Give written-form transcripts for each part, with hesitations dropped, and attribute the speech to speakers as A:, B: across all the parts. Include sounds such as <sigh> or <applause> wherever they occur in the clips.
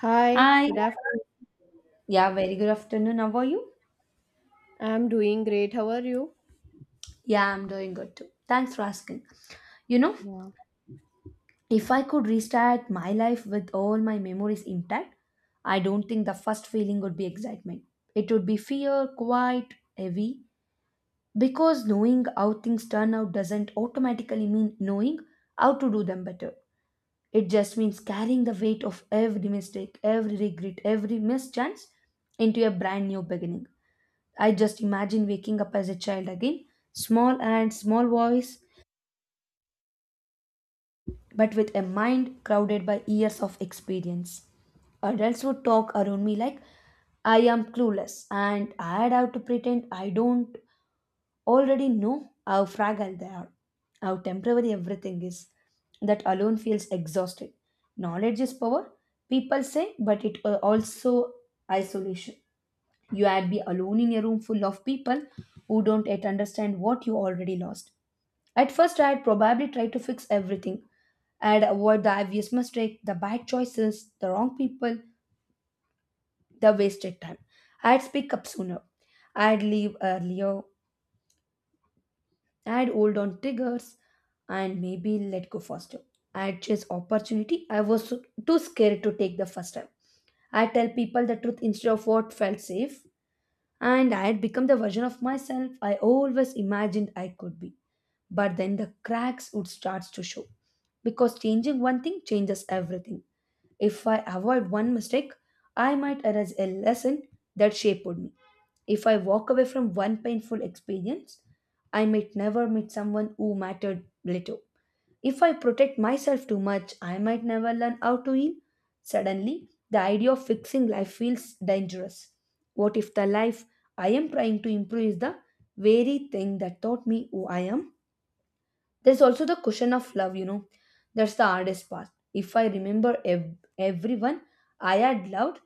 A: Hi,
B: Hi.
A: good afternoon.
B: Yeah, very good afternoon. How are you?
A: I'm doing great. How are you?
B: Yeah, I'm doing good too. Thanks for asking. You know,
A: Yeah.
B: if I could restart my life with all my memories intact, I don't think the first feeling would be excitement. It would be fear, quite heavy, because knowing how things turn out doesn't automatically mean knowing how to do them better. It just means carrying the weight of every mistake, every regret, every mischance into a brand new beginning. I just imagine waking up as a child again, small and small voice, but with a mind crowded by years of experience. Adults would talk around me like I am clueless and I'd have to pretend I don't already know how fragile they are, how temporary everything is. That alone feels exhausted. Knowledge is power, people say, but it also isolation. You had be alone in a room full of people who don't yet understand what you already lost. At first, I had probably tried to fix everything. I had avoid the obvious mistake, the bad choices, the wrong people, the wasted time. I would speak up sooner. I would leave earlier. I would hold on triggers and maybe let go faster. I would chase opportunity. I was too scared to take the first time. I tell people the truth instead of what felt safe, and I had become the version of myself I always imagined I could be. But then the cracks would start to show because changing one thing changes everything. If I avoid one mistake, I might erase a lesson that shaped me. If I walk away from one painful experience, I might never meet someone who mattered little. If I protect myself too much, I might never learn how to heal. Suddenly, the idea of fixing life feels dangerous. What if the life I am trying to improve is the very thing that taught me who I am? There's also the question of love, you know. That's the hardest part. If I remember everyone I had loved,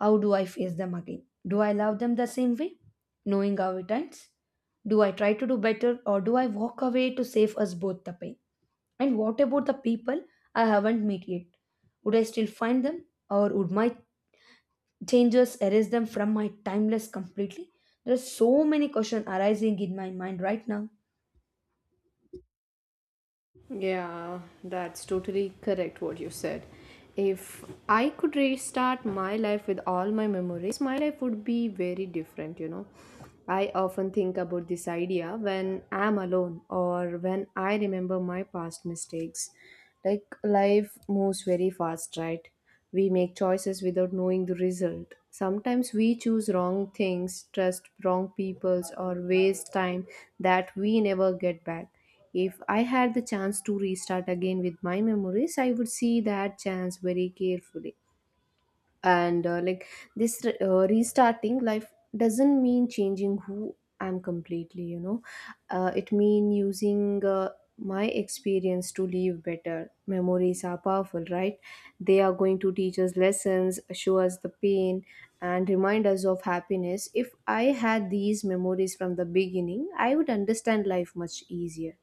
B: how do I face them again? Do I love them the same way? Knowing how it ends? Do I try to do better or do I walk away to save us both the pain? And what about the people I haven't met yet? Would I still find them? Or would my changes erase them from my timeless completely? There are so many questions arising in my mind right now.
A: Yeah, that's totally correct what you said. If I could restart my life with all my memories, my life would be very different, you know. I often think about this idea when I'm alone or when I remember my past mistakes. Like, life moves very fast, right? We make choices without knowing the result. Sometimes we choose wrong things, trust wrong peoples, or waste time that we never get back. If I had the chance to restart again with my memories, I would see that chance very carefully. And restarting life doesn't mean changing who I'm completely, you know. It means using my experience to live better. Memories are powerful, right? They are going to teach us lessons, show us the pain, and remind us of happiness. If I had these memories from the beginning, I would understand life much easier.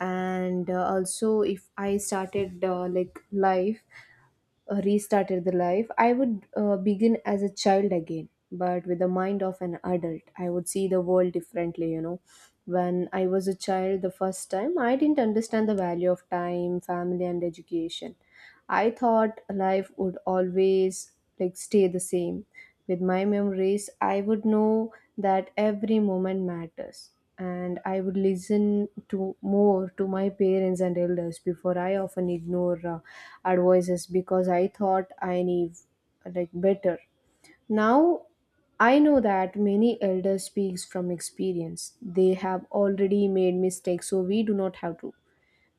A: And also if I started like life restarted the life, I would begin as a child again but with the mind of an adult. I would see the world differently, you know. When I was a child the first time, I didn't understand the value of time, family and education. I thought life would always, like, stay the same. With my memories, I would know that every moment matters, and I would listen to more, to my parents and elders. Before, I often ignore advices because I thought I knew, like, better. Now I know that many elders speaks from experience, they have already made mistakes so we do not have to.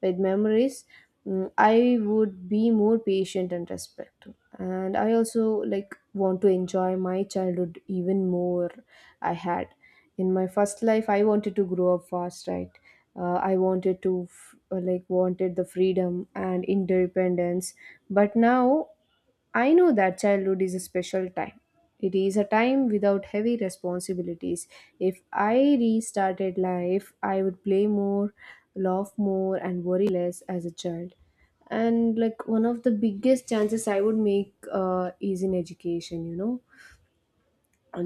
A: With memories, I would be more patient and respectful, and I also, like, want to enjoy my childhood even more. I had in my first life I wanted to grow up fast, right? Uh, i wanted to f- uh, like wanted the freedom and independence. But now I know that childhood is a special time. It is a time without heavy responsibilities. If I restarted life, I would play more, laugh more, and worry less as a child. And, like, one of the biggest chances I would make is in education, you know.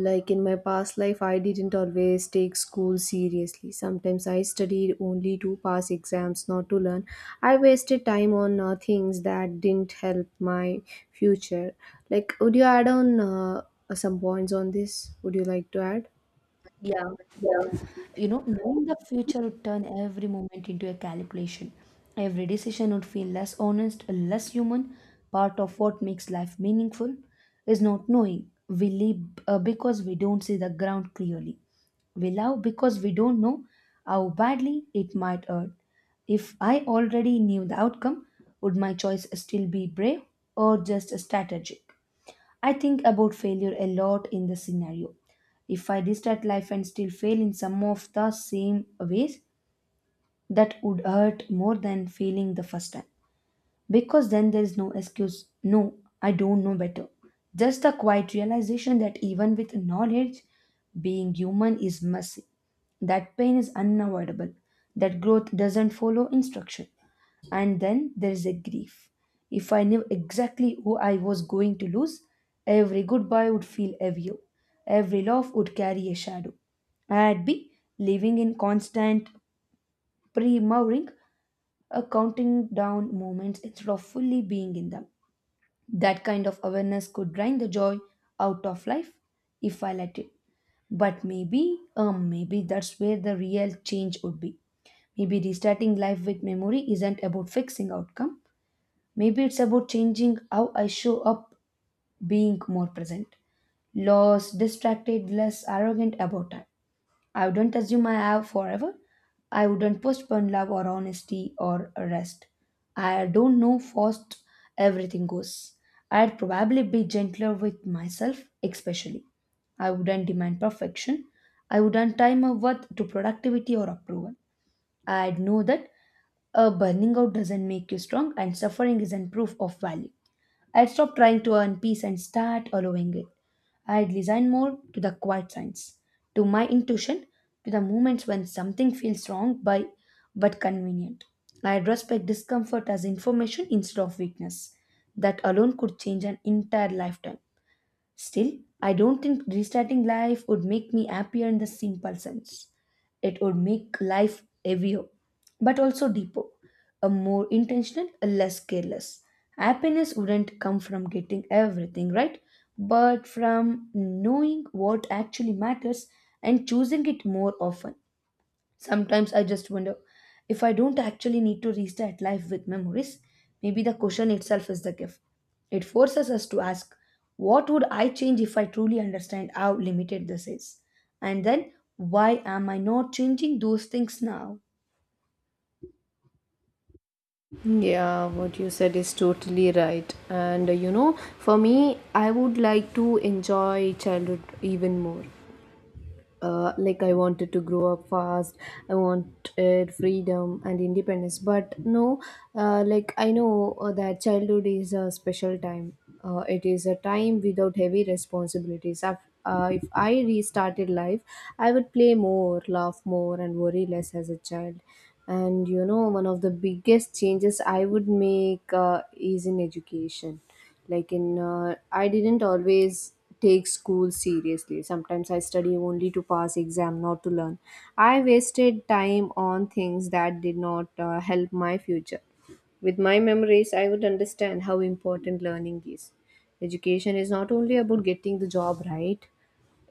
A: Like, in my past life I didn't always take school seriously. Sometimes I studied only to pass exams, not to learn. I wasted time on things that didn't help my future. Like, would you add on some points on this? Would you like to add?
B: Yeah.
A: Yeah.
B: You know, knowing the future would turn every moment into a calculation. Every decision would feel less honest, less human. Part of what makes life meaningful is not knowing. We live because we don't see the ground clearly. We love because we don't know how badly it might hurt. If I already knew the outcome, would my choice still be brave or just a strategy? I think about failure a lot in the scenario. If I restart life and still fail in some of the same ways, that would hurt more than failing the first time. Because then there is no excuse, no, I don't know better. Just the quiet realization that even with knowledge, being human is messy, that pain is unavoidable, that growth doesn't follow instruction. And then there's a grief. If I knew exactly who I was going to lose, every goodbye would feel heavier. Every laugh would carry a shadow. I'd be living in constant pre-mouring, a counting down moments instead of fully being in them. That kind of awareness could drain the joy out of life if I let it. But maybe that's where the real change would be. Maybe restarting life with memory isn't about fixing outcome. Maybe it's about changing how I show up, being more present, less distracted, less arrogant about time. I wouldn't assume I have forever. I wouldn't postpone love or honesty or rest. I don't know fast everything goes. I'd probably be gentler with myself, especially. I wouldn't demand perfection. I wouldn't tie my worth to productivity or approval. I'd know that a burning out doesn't make you strong and suffering isn't proof of value. I would stop trying to earn peace and start allowing it. I'd listen more to the quiet signs, to my intuition, to the moments when something feels wrong by but convenient. I'd respect discomfort as information instead of weakness. That alone could change an entire lifetime. Still, I don't think restarting life would make me happier in the simple sense. It would make life heavier, but also deeper, a more intentional, a less careless. Happiness wouldn't come from getting everything right, but from knowing what actually matters and choosing it more often. Sometimes I just wonder if I don't actually need to restart life with memories, maybe the question itself is the gift. It forces us to ask, what would I change if I truly understand how limited this is? And then, why am I not changing those things now?
A: Yeah, what you said is totally right. And you know, for me, I would like to enjoy childhood even more. Like, I wanted to grow up fast. I wanted freedom and independence. But no, I know that childhood is a special time. It is a time without heavy responsibilities. If I restarted life, I would play more, laugh more, and worry less as a child. And, you know, one of the biggest changes I would make is in education. Like in uh, I didn't always take school seriously. Sometimes I study only to pass exam, not to learn. I wasted time on things that did not help my future. With my memories, I would understand how important learning is. Education is not only about getting the job right.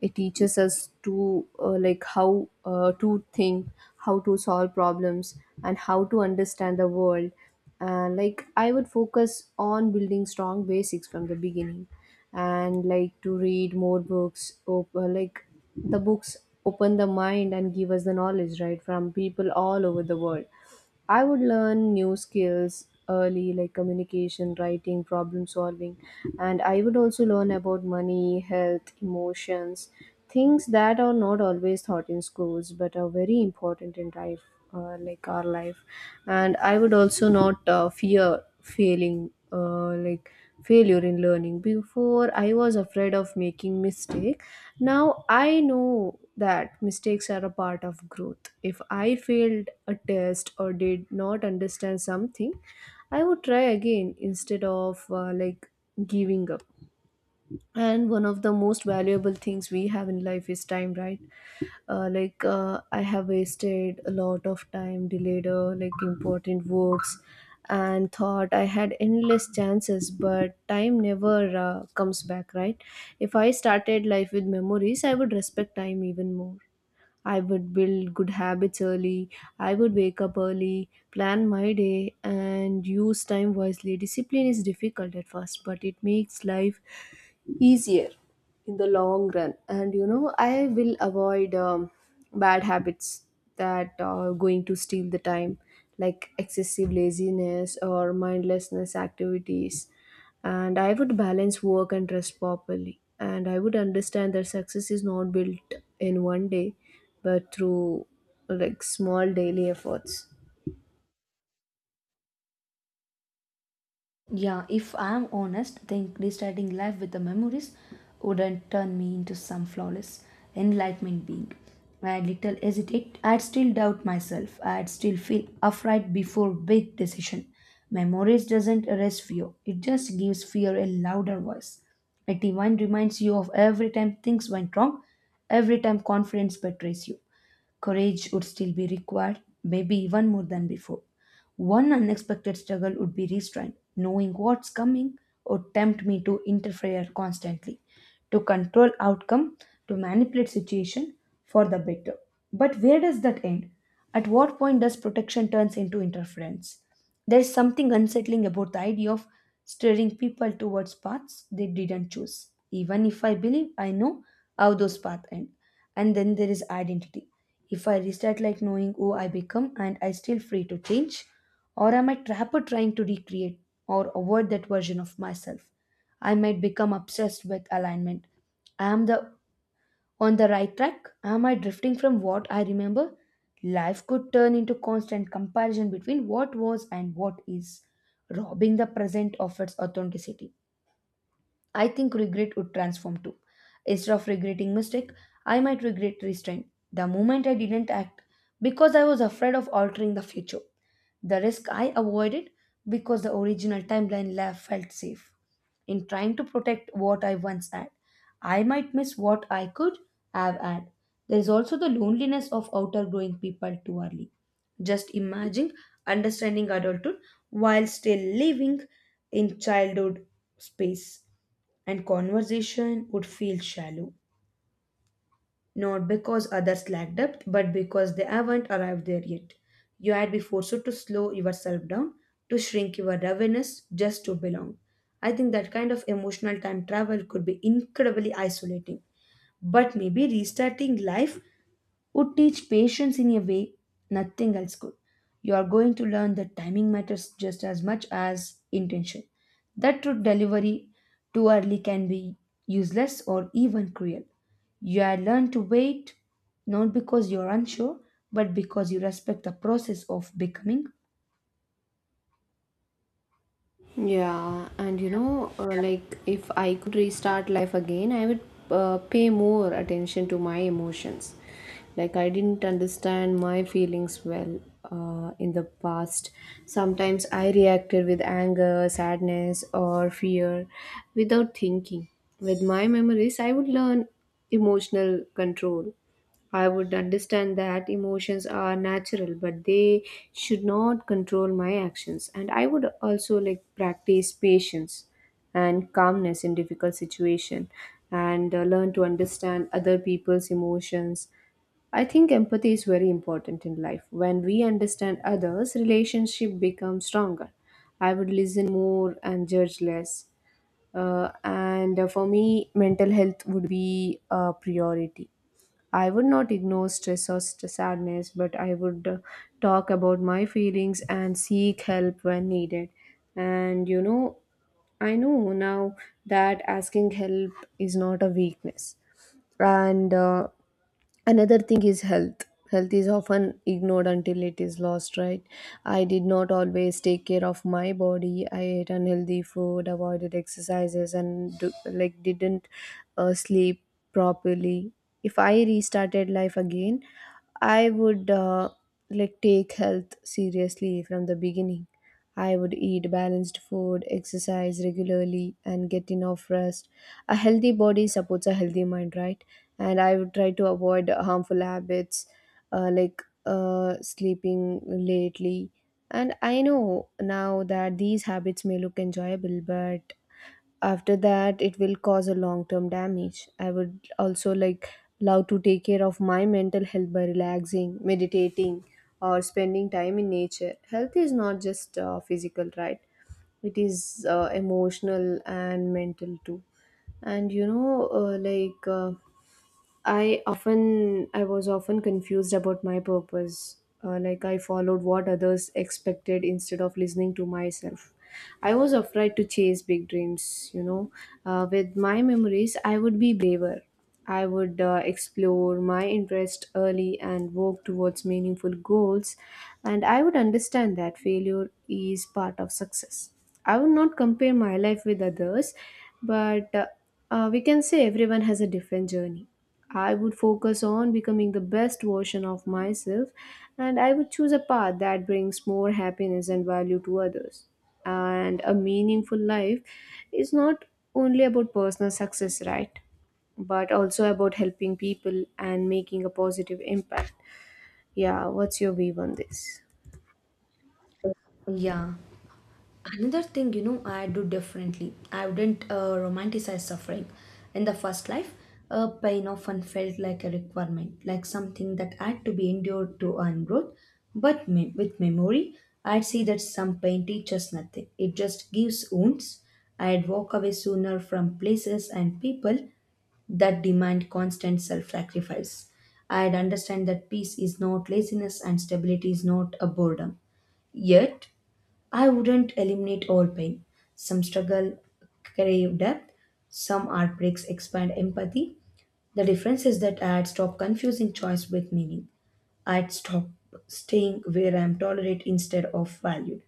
A: It teaches us to think, how to solve problems, and how to understand the world. And, like, I would focus on building strong basics from the beginning, and, like, to read more books. Like, the books open the mind and give us the knowledge right from people all over the world. I would learn new skills early, like communication, writing, problem solving, and I would also learn about money, health, emotions, things that are not always taught in schools but are very important in life, like our life. And I would also not fear failing, like failure in learning. Before, I was afraid of making mistake. Now I know that mistakes are a part of growth. If I failed a test or did not understand something, I would try again instead of giving up. And one of the most valuable things we have in life is time, right? I have wasted a lot of time, delayed important works and thought I had endless chances, but time never comes back, right? If I started life with memories, I would respect time even more. I would build good habits early. I would wake up early, plan my day and use time wisely. Discipline is difficult at first but it makes life easier in the long run. And, you know, I will avoid bad habits that are going to steal the time, like excessive laziness or mindlessness activities. And I would balance work and rest properly, and I would understand that success is not built in one day, but through, like, small daily efforts.
B: Yeah, if I'm honest, I think restarting life with the memories wouldn't turn me into some flawless enlightenment being. I'd little hesitate. I'd still doubt myself. I'd still feel afraid before big decision. Memories doesn't erase fear. It just gives fear a louder voice. It even reminds you of every time things went wrong, every time confidence betrays you. Courage would still be required, maybe even more than before. One unexpected struggle would be restraint, knowing what's coming would tempt me to interfere constantly, to control outcome, to manipulate situation for the better. But where does that end? At what point does protection turns into interference? There is something unsettling about the idea of steering people towards paths they didn't choose, even if I believe I know how those paths end. And then there is identity. If I restart like knowing who I become and I still free to change, or am I trapper trying to recreate or avoid that version of myself? I might become obsessed with alignment. I am the on the right track? Am I drifting from what I remember? Life could turn into constant comparison between what was and what is, robbing the present of its authenticity. I think regret would transform too. Instead of regretting mistake, I might regret restraint. The moment I didn't act because I was afraid of altering the future. The risk I avoided because the original timeline left felt safe. In trying to protect what I once had, I might miss what I could have had. There is also the loneliness of outgrowing people too early. Just imagine understanding adulthood while still living in childhood space and conversation would feel shallow, not because others lack depth, but because they haven't arrived there yet. You had been forced to slow yourself down, to shrink your awareness just to belong. I think that kind of emotional time travel could be incredibly isolating, but maybe restarting life would teach patience in a way nothing else could. You are going to learn that timing matters just as much as intention. That route delivery too early can be useless or even cruel. You are learned to wait not because you are unsure, but because you respect the process of becoming.
A: Yeah, and you know, like, if I could restart life again, I would pay more attention to my emotions. Like, I didn't understand my feelings well in the past. Sometimes I reacted with anger, sadness, or fear without thinking. With my memories, I would learn emotional control. I would understand that emotions are natural, but they should not control my actions. And I would also, like, practice patience and calmness in difficult situation, and learn to understand other people's emotions. I think empathy is very important in life. When we understand others, relationship becomes stronger. I would listen more and judge less. And for me, mental health would be a priority. I would not ignore stress or sadness, but I would talk about my feelings and seek help when needed. And, you know, I know now that asking help is not a weakness. And another thing is health. Health is often ignored until it is lost, right? I did not always take care of my body. I ate unhealthy food, avoided exercises, and like, didn't sleep properly. If I restarted life again, I would, take health seriously from the beginning. I would eat balanced food, exercise regularly and get enough rest. A healthy body supports a healthy mind, right? And I would try to avoid harmful habits, like sleeping lately. And I know now that these habits may look enjoyable, but after that, it will cause a long term damage. I would also, like, love to take care of my mental health by relaxing, meditating, or spending time in nature. Health is not just physical, right? It is emotional and mental too. And you know, I was often confused about my purpose. Like, I followed what others expected instead of listening to myself. I was afraid to chase big dreams. You know, with my memories, I would be braver. I would explore my interest early and work towards meaningful goals, and I would understand that failure is part of success. I would not compare my life with others, but we can say everyone has a different journey. I would focus on becoming the best version of myself, and I would choose a path that brings more happiness and value to others. And a meaningful life is not only about personal success, right? But also about helping people and making a positive impact. Yeah, what's your view on this?
B: Yeah. Another thing, you know, I do differently, I wouldn't romanticize suffering in the first life. Pain often felt like a requirement, like something that had to be endured to earn growth, but with memory, I'd see that some pain teaches nothing, it just gives wounds. I'd walk away sooner from places and people that demand constant self-sacrifice. I'd understand that peace is not laziness and stability is not a boredom. Yet I wouldn't eliminate all pain. Some struggle crave depth, some heartbreaks expand empathy. The difference is that I'd stop confusing choice with meaning. I'd stop staying where I'm tolerated instead of valued.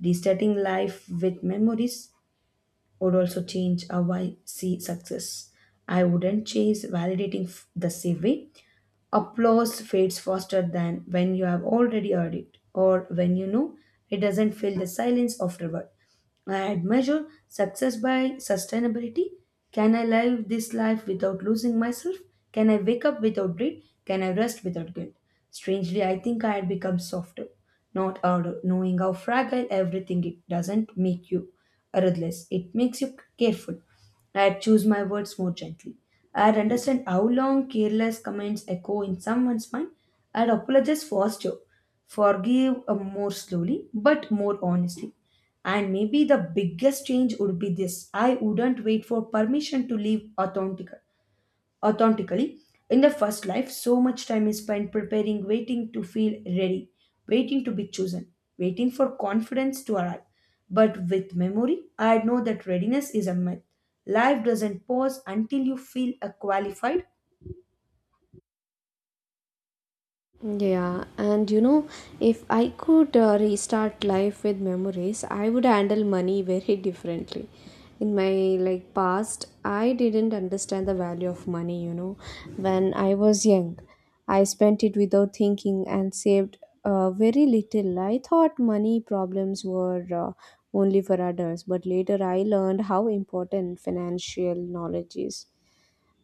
B: Restarting life with memories would also change how I see success. I wouldn't chase the same way. Applause fades faster than when you have already heard it or when you know it doesn't fill the silence afterward. I measure success by sustainability. Can I live this life without losing myself? Can I wake up without dread? Can I rest without guilt? Strangely, I think I had become softer, not harder, knowing how fragile everything it doesn't make you ruthless. It makes you careful. I had choose my words more gently. I had understand how long careless comments echo in someone's mind. I had apologize faster, forgive more slowly, but more honestly. And maybe the biggest change would be this: I wouldn't wait for permission to live authentically. In the first life, so much time is spent preparing, waiting to feel ready, waiting to be chosen, waiting for confidence to arrive. But with memory, I know that readiness is a myth. Life doesn't pause until you feel qualified.
A: Yeah, and you know, if I could restart life with memories, I would handle money very <laughs> differently. In my, like, past, I didn't understand the value of money, you know. When I was young, I spent it without thinking and saved very little. I thought money problems were only for adults, but later I learned how important financial knowledge is.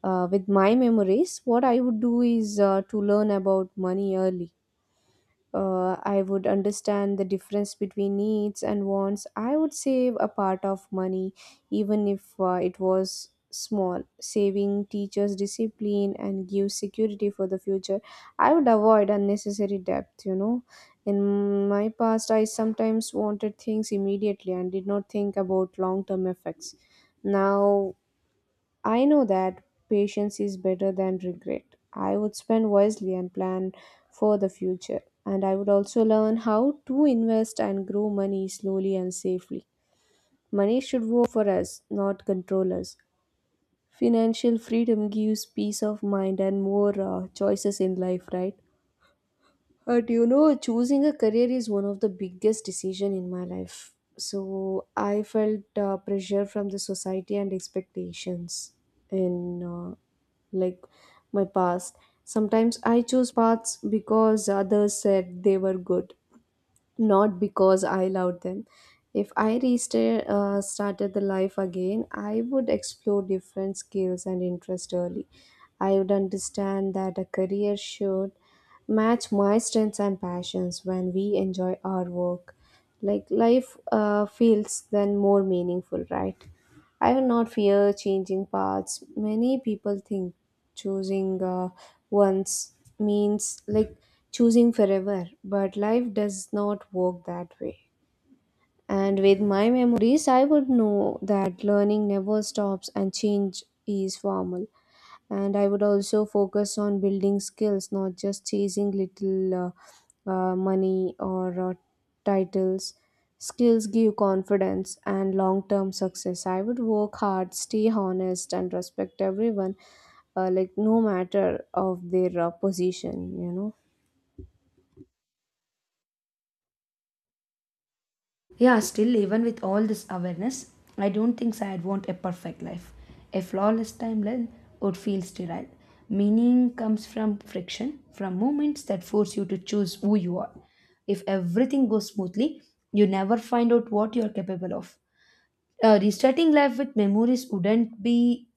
A: With my memories, what I would do is to learn about money early. I would understand the difference between needs and wants. I would save a part of money, even if it was small. Saving teaches discipline and gives security for the future. I would avoid unnecessary debt, you know. In my past, I sometimes wanted things immediately and did not think about long term effects. Now I know that patience is better than regret. I would spend wisely and plan for the future. And I would also learn how to invest and grow money slowly and safely. Money should work for us, not control us. Financial freedom gives peace of mind and more choices in life, right? Do you know, choosing a career is one of the biggest decision in my life. So I felt pressure from the society and expectations in like my past. Sometimes I chose paths because others said they were good, not because I loved them. If I restarted started the life again, I would explore different skills and interests early. I would understand that a career should match my strengths and passions when we enjoy our work. Like life feels then more meaningful, right? I do not fear changing paths. Many people think choosing once means choosing forever, but life does not work that way. And with my memories, I would know that learning never stops and change is formal. And I would also focus on building skills, not just chasing little money or titles. Skills give confidence and long-term success. I would work hard, stay honest, and respect everyone, like no matter of their position,
B: Yeah, still, even with all this awareness, I don't think so I'd want a perfect life. A flawless timeline would feel sterile. Meaning comes from friction, from moments that force you to choose who you are. If everything goes smoothly, you never find out what you're capable of. Restarting life with memories wouldn't be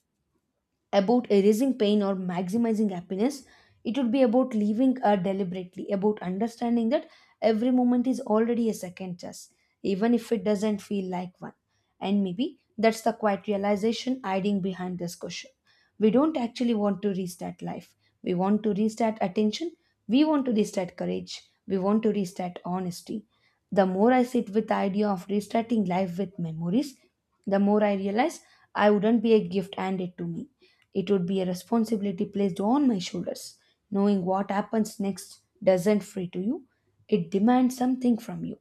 B: about erasing pain or maximizing happiness. It would be about living deliberately, about understanding that every moment is already a second chance, even if it doesn't feel like one. And maybe that's the quiet realization hiding behind this question. We don't actually want to restart life. We want to restart attention. We want to restart courage. We want to restart honesty. The more I sit with the idea of restarting life with memories, the more I realize I wouldn't be a gift handed to me. It would be a responsibility placed on my shoulders. Knowing what happens next doesn't free to you, it demands something from you.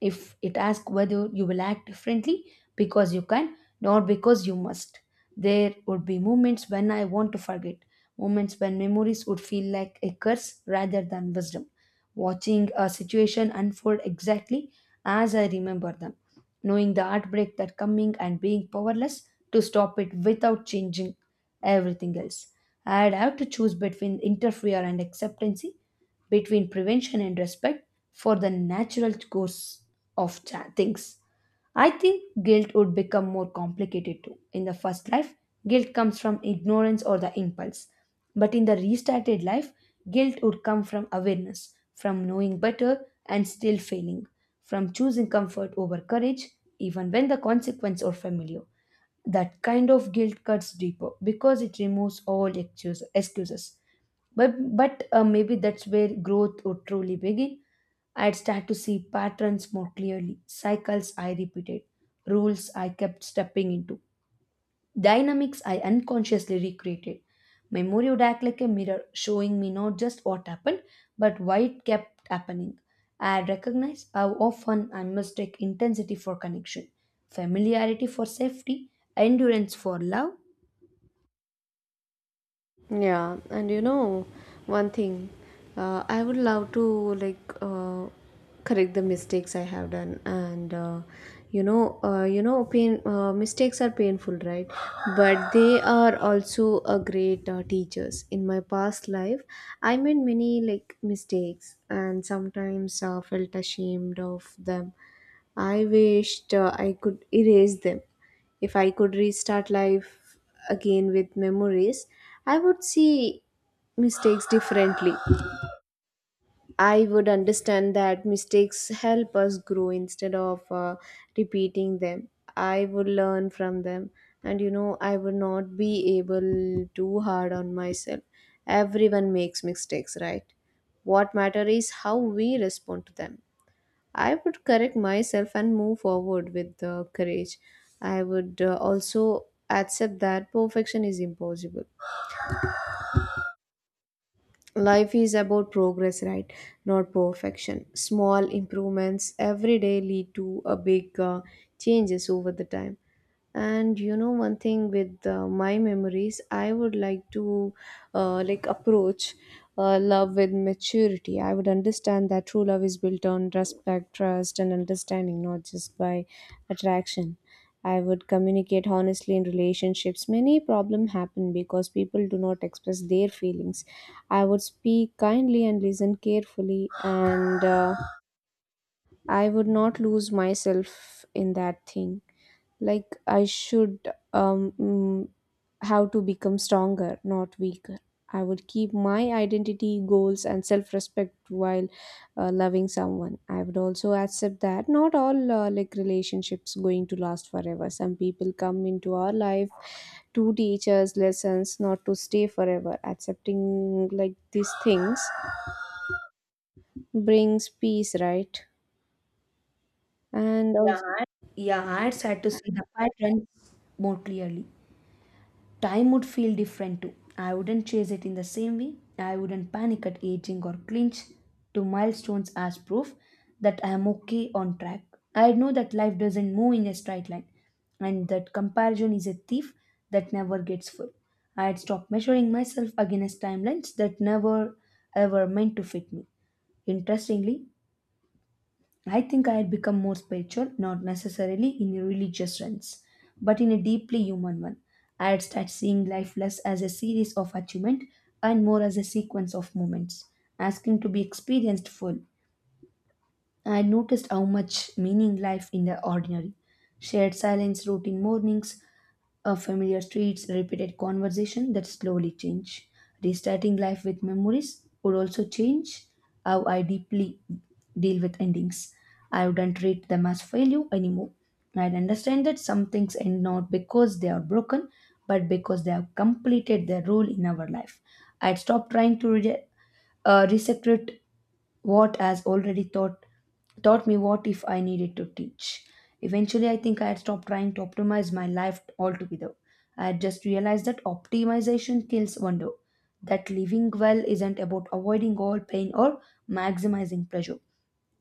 B: If it asks whether you will act differently because you can, not because you must. There would be moments when I want to forget, moments when memories would feel like a curse rather than wisdom, watching a situation unfold exactly as I remember them, knowing the heartbreak that coming and being powerless to stop it without changing everything else. I'd have to choose between interfere and acceptancy, between prevention and respect for the natural course of things. I think guilt would become more complicated too. In the first life, guilt comes from ignorance or the impulse. But in the restarted life, guilt would come from awareness, from knowing better and still failing, from choosing comfort over courage, even when the consequence are familiar. That kind of guilt cuts deeper because it removes all excuses. But maybe that's where growth would truly begin. I'd start to see patterns more clearly, cycles I repeated, rules I kept stepping into, dynamics I unconsciously recreated. Memory would act like a mirror, showing me not just what happened, but why it kept happening. I recognize how often I mistake intensity for connection, familiarity for safety, endurance for love.
A: Yeah, and you know, one thing, I would love to correct the mistakes I have done, and you know, pain mistakes are painful, right? But they are also a great teachers. In my past life, I made many like mistakes, and sometimes felt ashamed of them. I wished I could erase them. If I could restart life again with memories, I would see mistakes differently. I would understand that mistakes help us grow instead of repeating them. I would learn from them, and you know, I would not be able too hard on myself. Everyone makes mistakes, right? What matter is how we respond to them. I would correct myself and move forward with courage. I would also accept that perfection is impossible. Life is about progress, right? Not perfection. Small improvements every day lead to a big changes over the time. And you know, one thing with my memories, I would like to approach love with maturity. I would understand that true love is built on respect, trust, and understanding, not just by attraction. I would communicate honestly in relationships. Many problems happen because people do not express their feelings. I would speak kindly and listen carefully, and I would not lose myself in that thing. Like, I should have to become stronger, not weaker. I would keep my identity, goals, and self respect while loving someone. I would also accept that not all relationships going to last forever. Some people come into our life to teach us lessons, not to stay forever. Accepting like these things brings peace, right? And yeah, also
B: Yeah, I had started to see the patterns more clearly. Time would feel different too. I wouldn't chase it in the same way. I wouldn't panic at aging or clinch to milestones as proof that I am okay on track. I know that life doesn't move in a straight line and that comparison is a thief that never gets full. I'd stop measuring myself against timelines that never ever meant to fit me. Interestingly, I think I had become more spiritual, not necessarily in a religious sense, but in a deeply human one. I had started seeing life less as a series of achievement and more as a sequence of moments, asking to be experienced full. I noticed how much meaning life in the ordinary, shared silence, routine mornings, familiar streets, repeated conversation that slowly change. Restarting life with memories would also change how I deeply deal with endings. I wouldn't treat them as failure anymore. I'd understand that some things end not because they are broken, but because they have completed their role in our life. I'd stop trying to resecrate what has already taught me what if I needed to teach. Eventually, I think I had stopped trying to optimize my life altogether. I had just realized that optimization kills wonder, that living well isn't about avoiding all pain or maximizing pleasure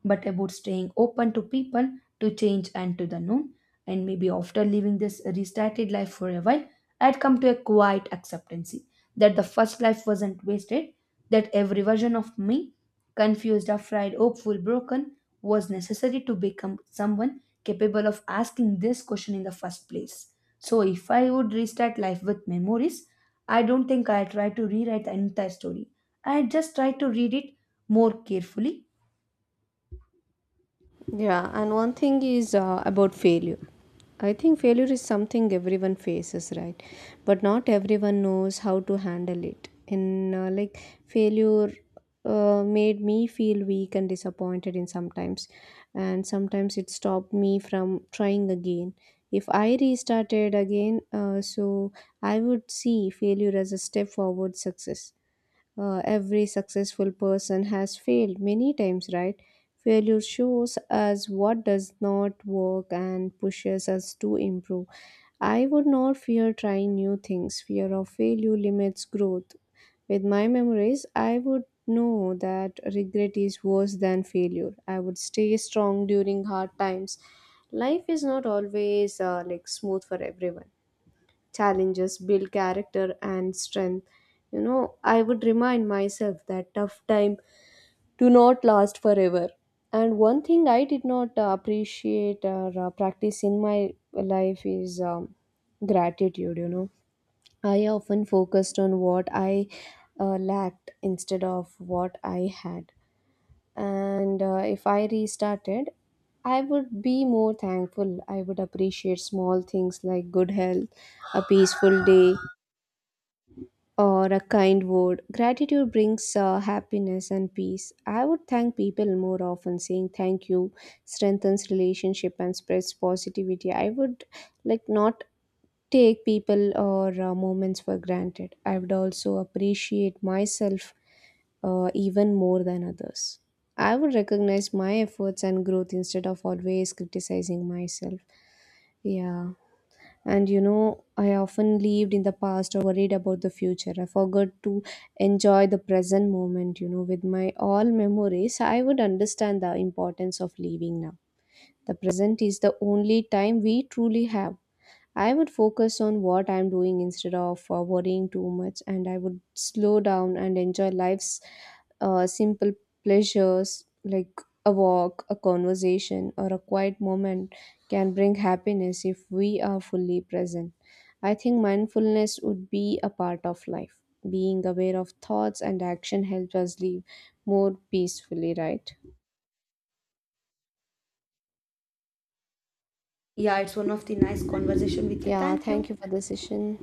B: but about staying open to people, to change, and to the known. And maybe after living this restarted life for a while, I'd come to a quiet acceptance that the first life wasn't wasted, that every version of me, confused, afraid, hopeful, broken, was necessary to become someone capable of asking this question in the first place. So, if I would restart life with memories, I don't think I try to rewrite the entire story. I just try to read it more carefully.
A: yeah, and one thing is about failure. I think failure is something everyone faces, right? But not everyone knows how to handle it. And failure made me feel weak and disappointed in sometimes, and sometimes it stopped me from trying again. If I restarted again, so I would see failure as a step forward success. Every successful person has failed many times, right? Failure shows us what does not work and pushes us to improve. I would not fear trying new things. Fear of failure limits growth. With my memories, I would know that regret is worse than failure. I would stay strong during hard times. Life is not always smooth for everyone. Challenges build character and strength. You know, I would remind myself that tough time do not last forever. And one thing I did not appreciate or practice in my life is gratitude, you know. I often focused on what I lacked instead of what I had. And if I restarted, I would be more thankful. I would appreciate small things like good health, a peaceful day, or a kind word. Gratitude brings happiness and peace. I would thank people more often. Saying thank you strengthens relationship and spreads positivity. I would like not take people or moments for granted. I would also appreciate myself even more than others. I would recognize my efforts and growth instead of always criticizing myself. Yeah. And you know, I often lived in the past or worried about the future. I forgot to enjoy the present moment, you know, with my all memories. I would understand the importance of living now. The present is the only time we truly have. I would focus on what I'm doing instead of worrying too much, and I would slow down and enjoy life's simple pleasures. Like a walk, a conversation, or a quiet moment can bring happiness if we are fully present. I think mindfulness would be a part of life. Being aware of thoughts and action helps us live more peacefully, right?
B: Yeah, it's one of the nice conversation with you.
A: Yeah,
B: Thank you.
A: thank you for the session.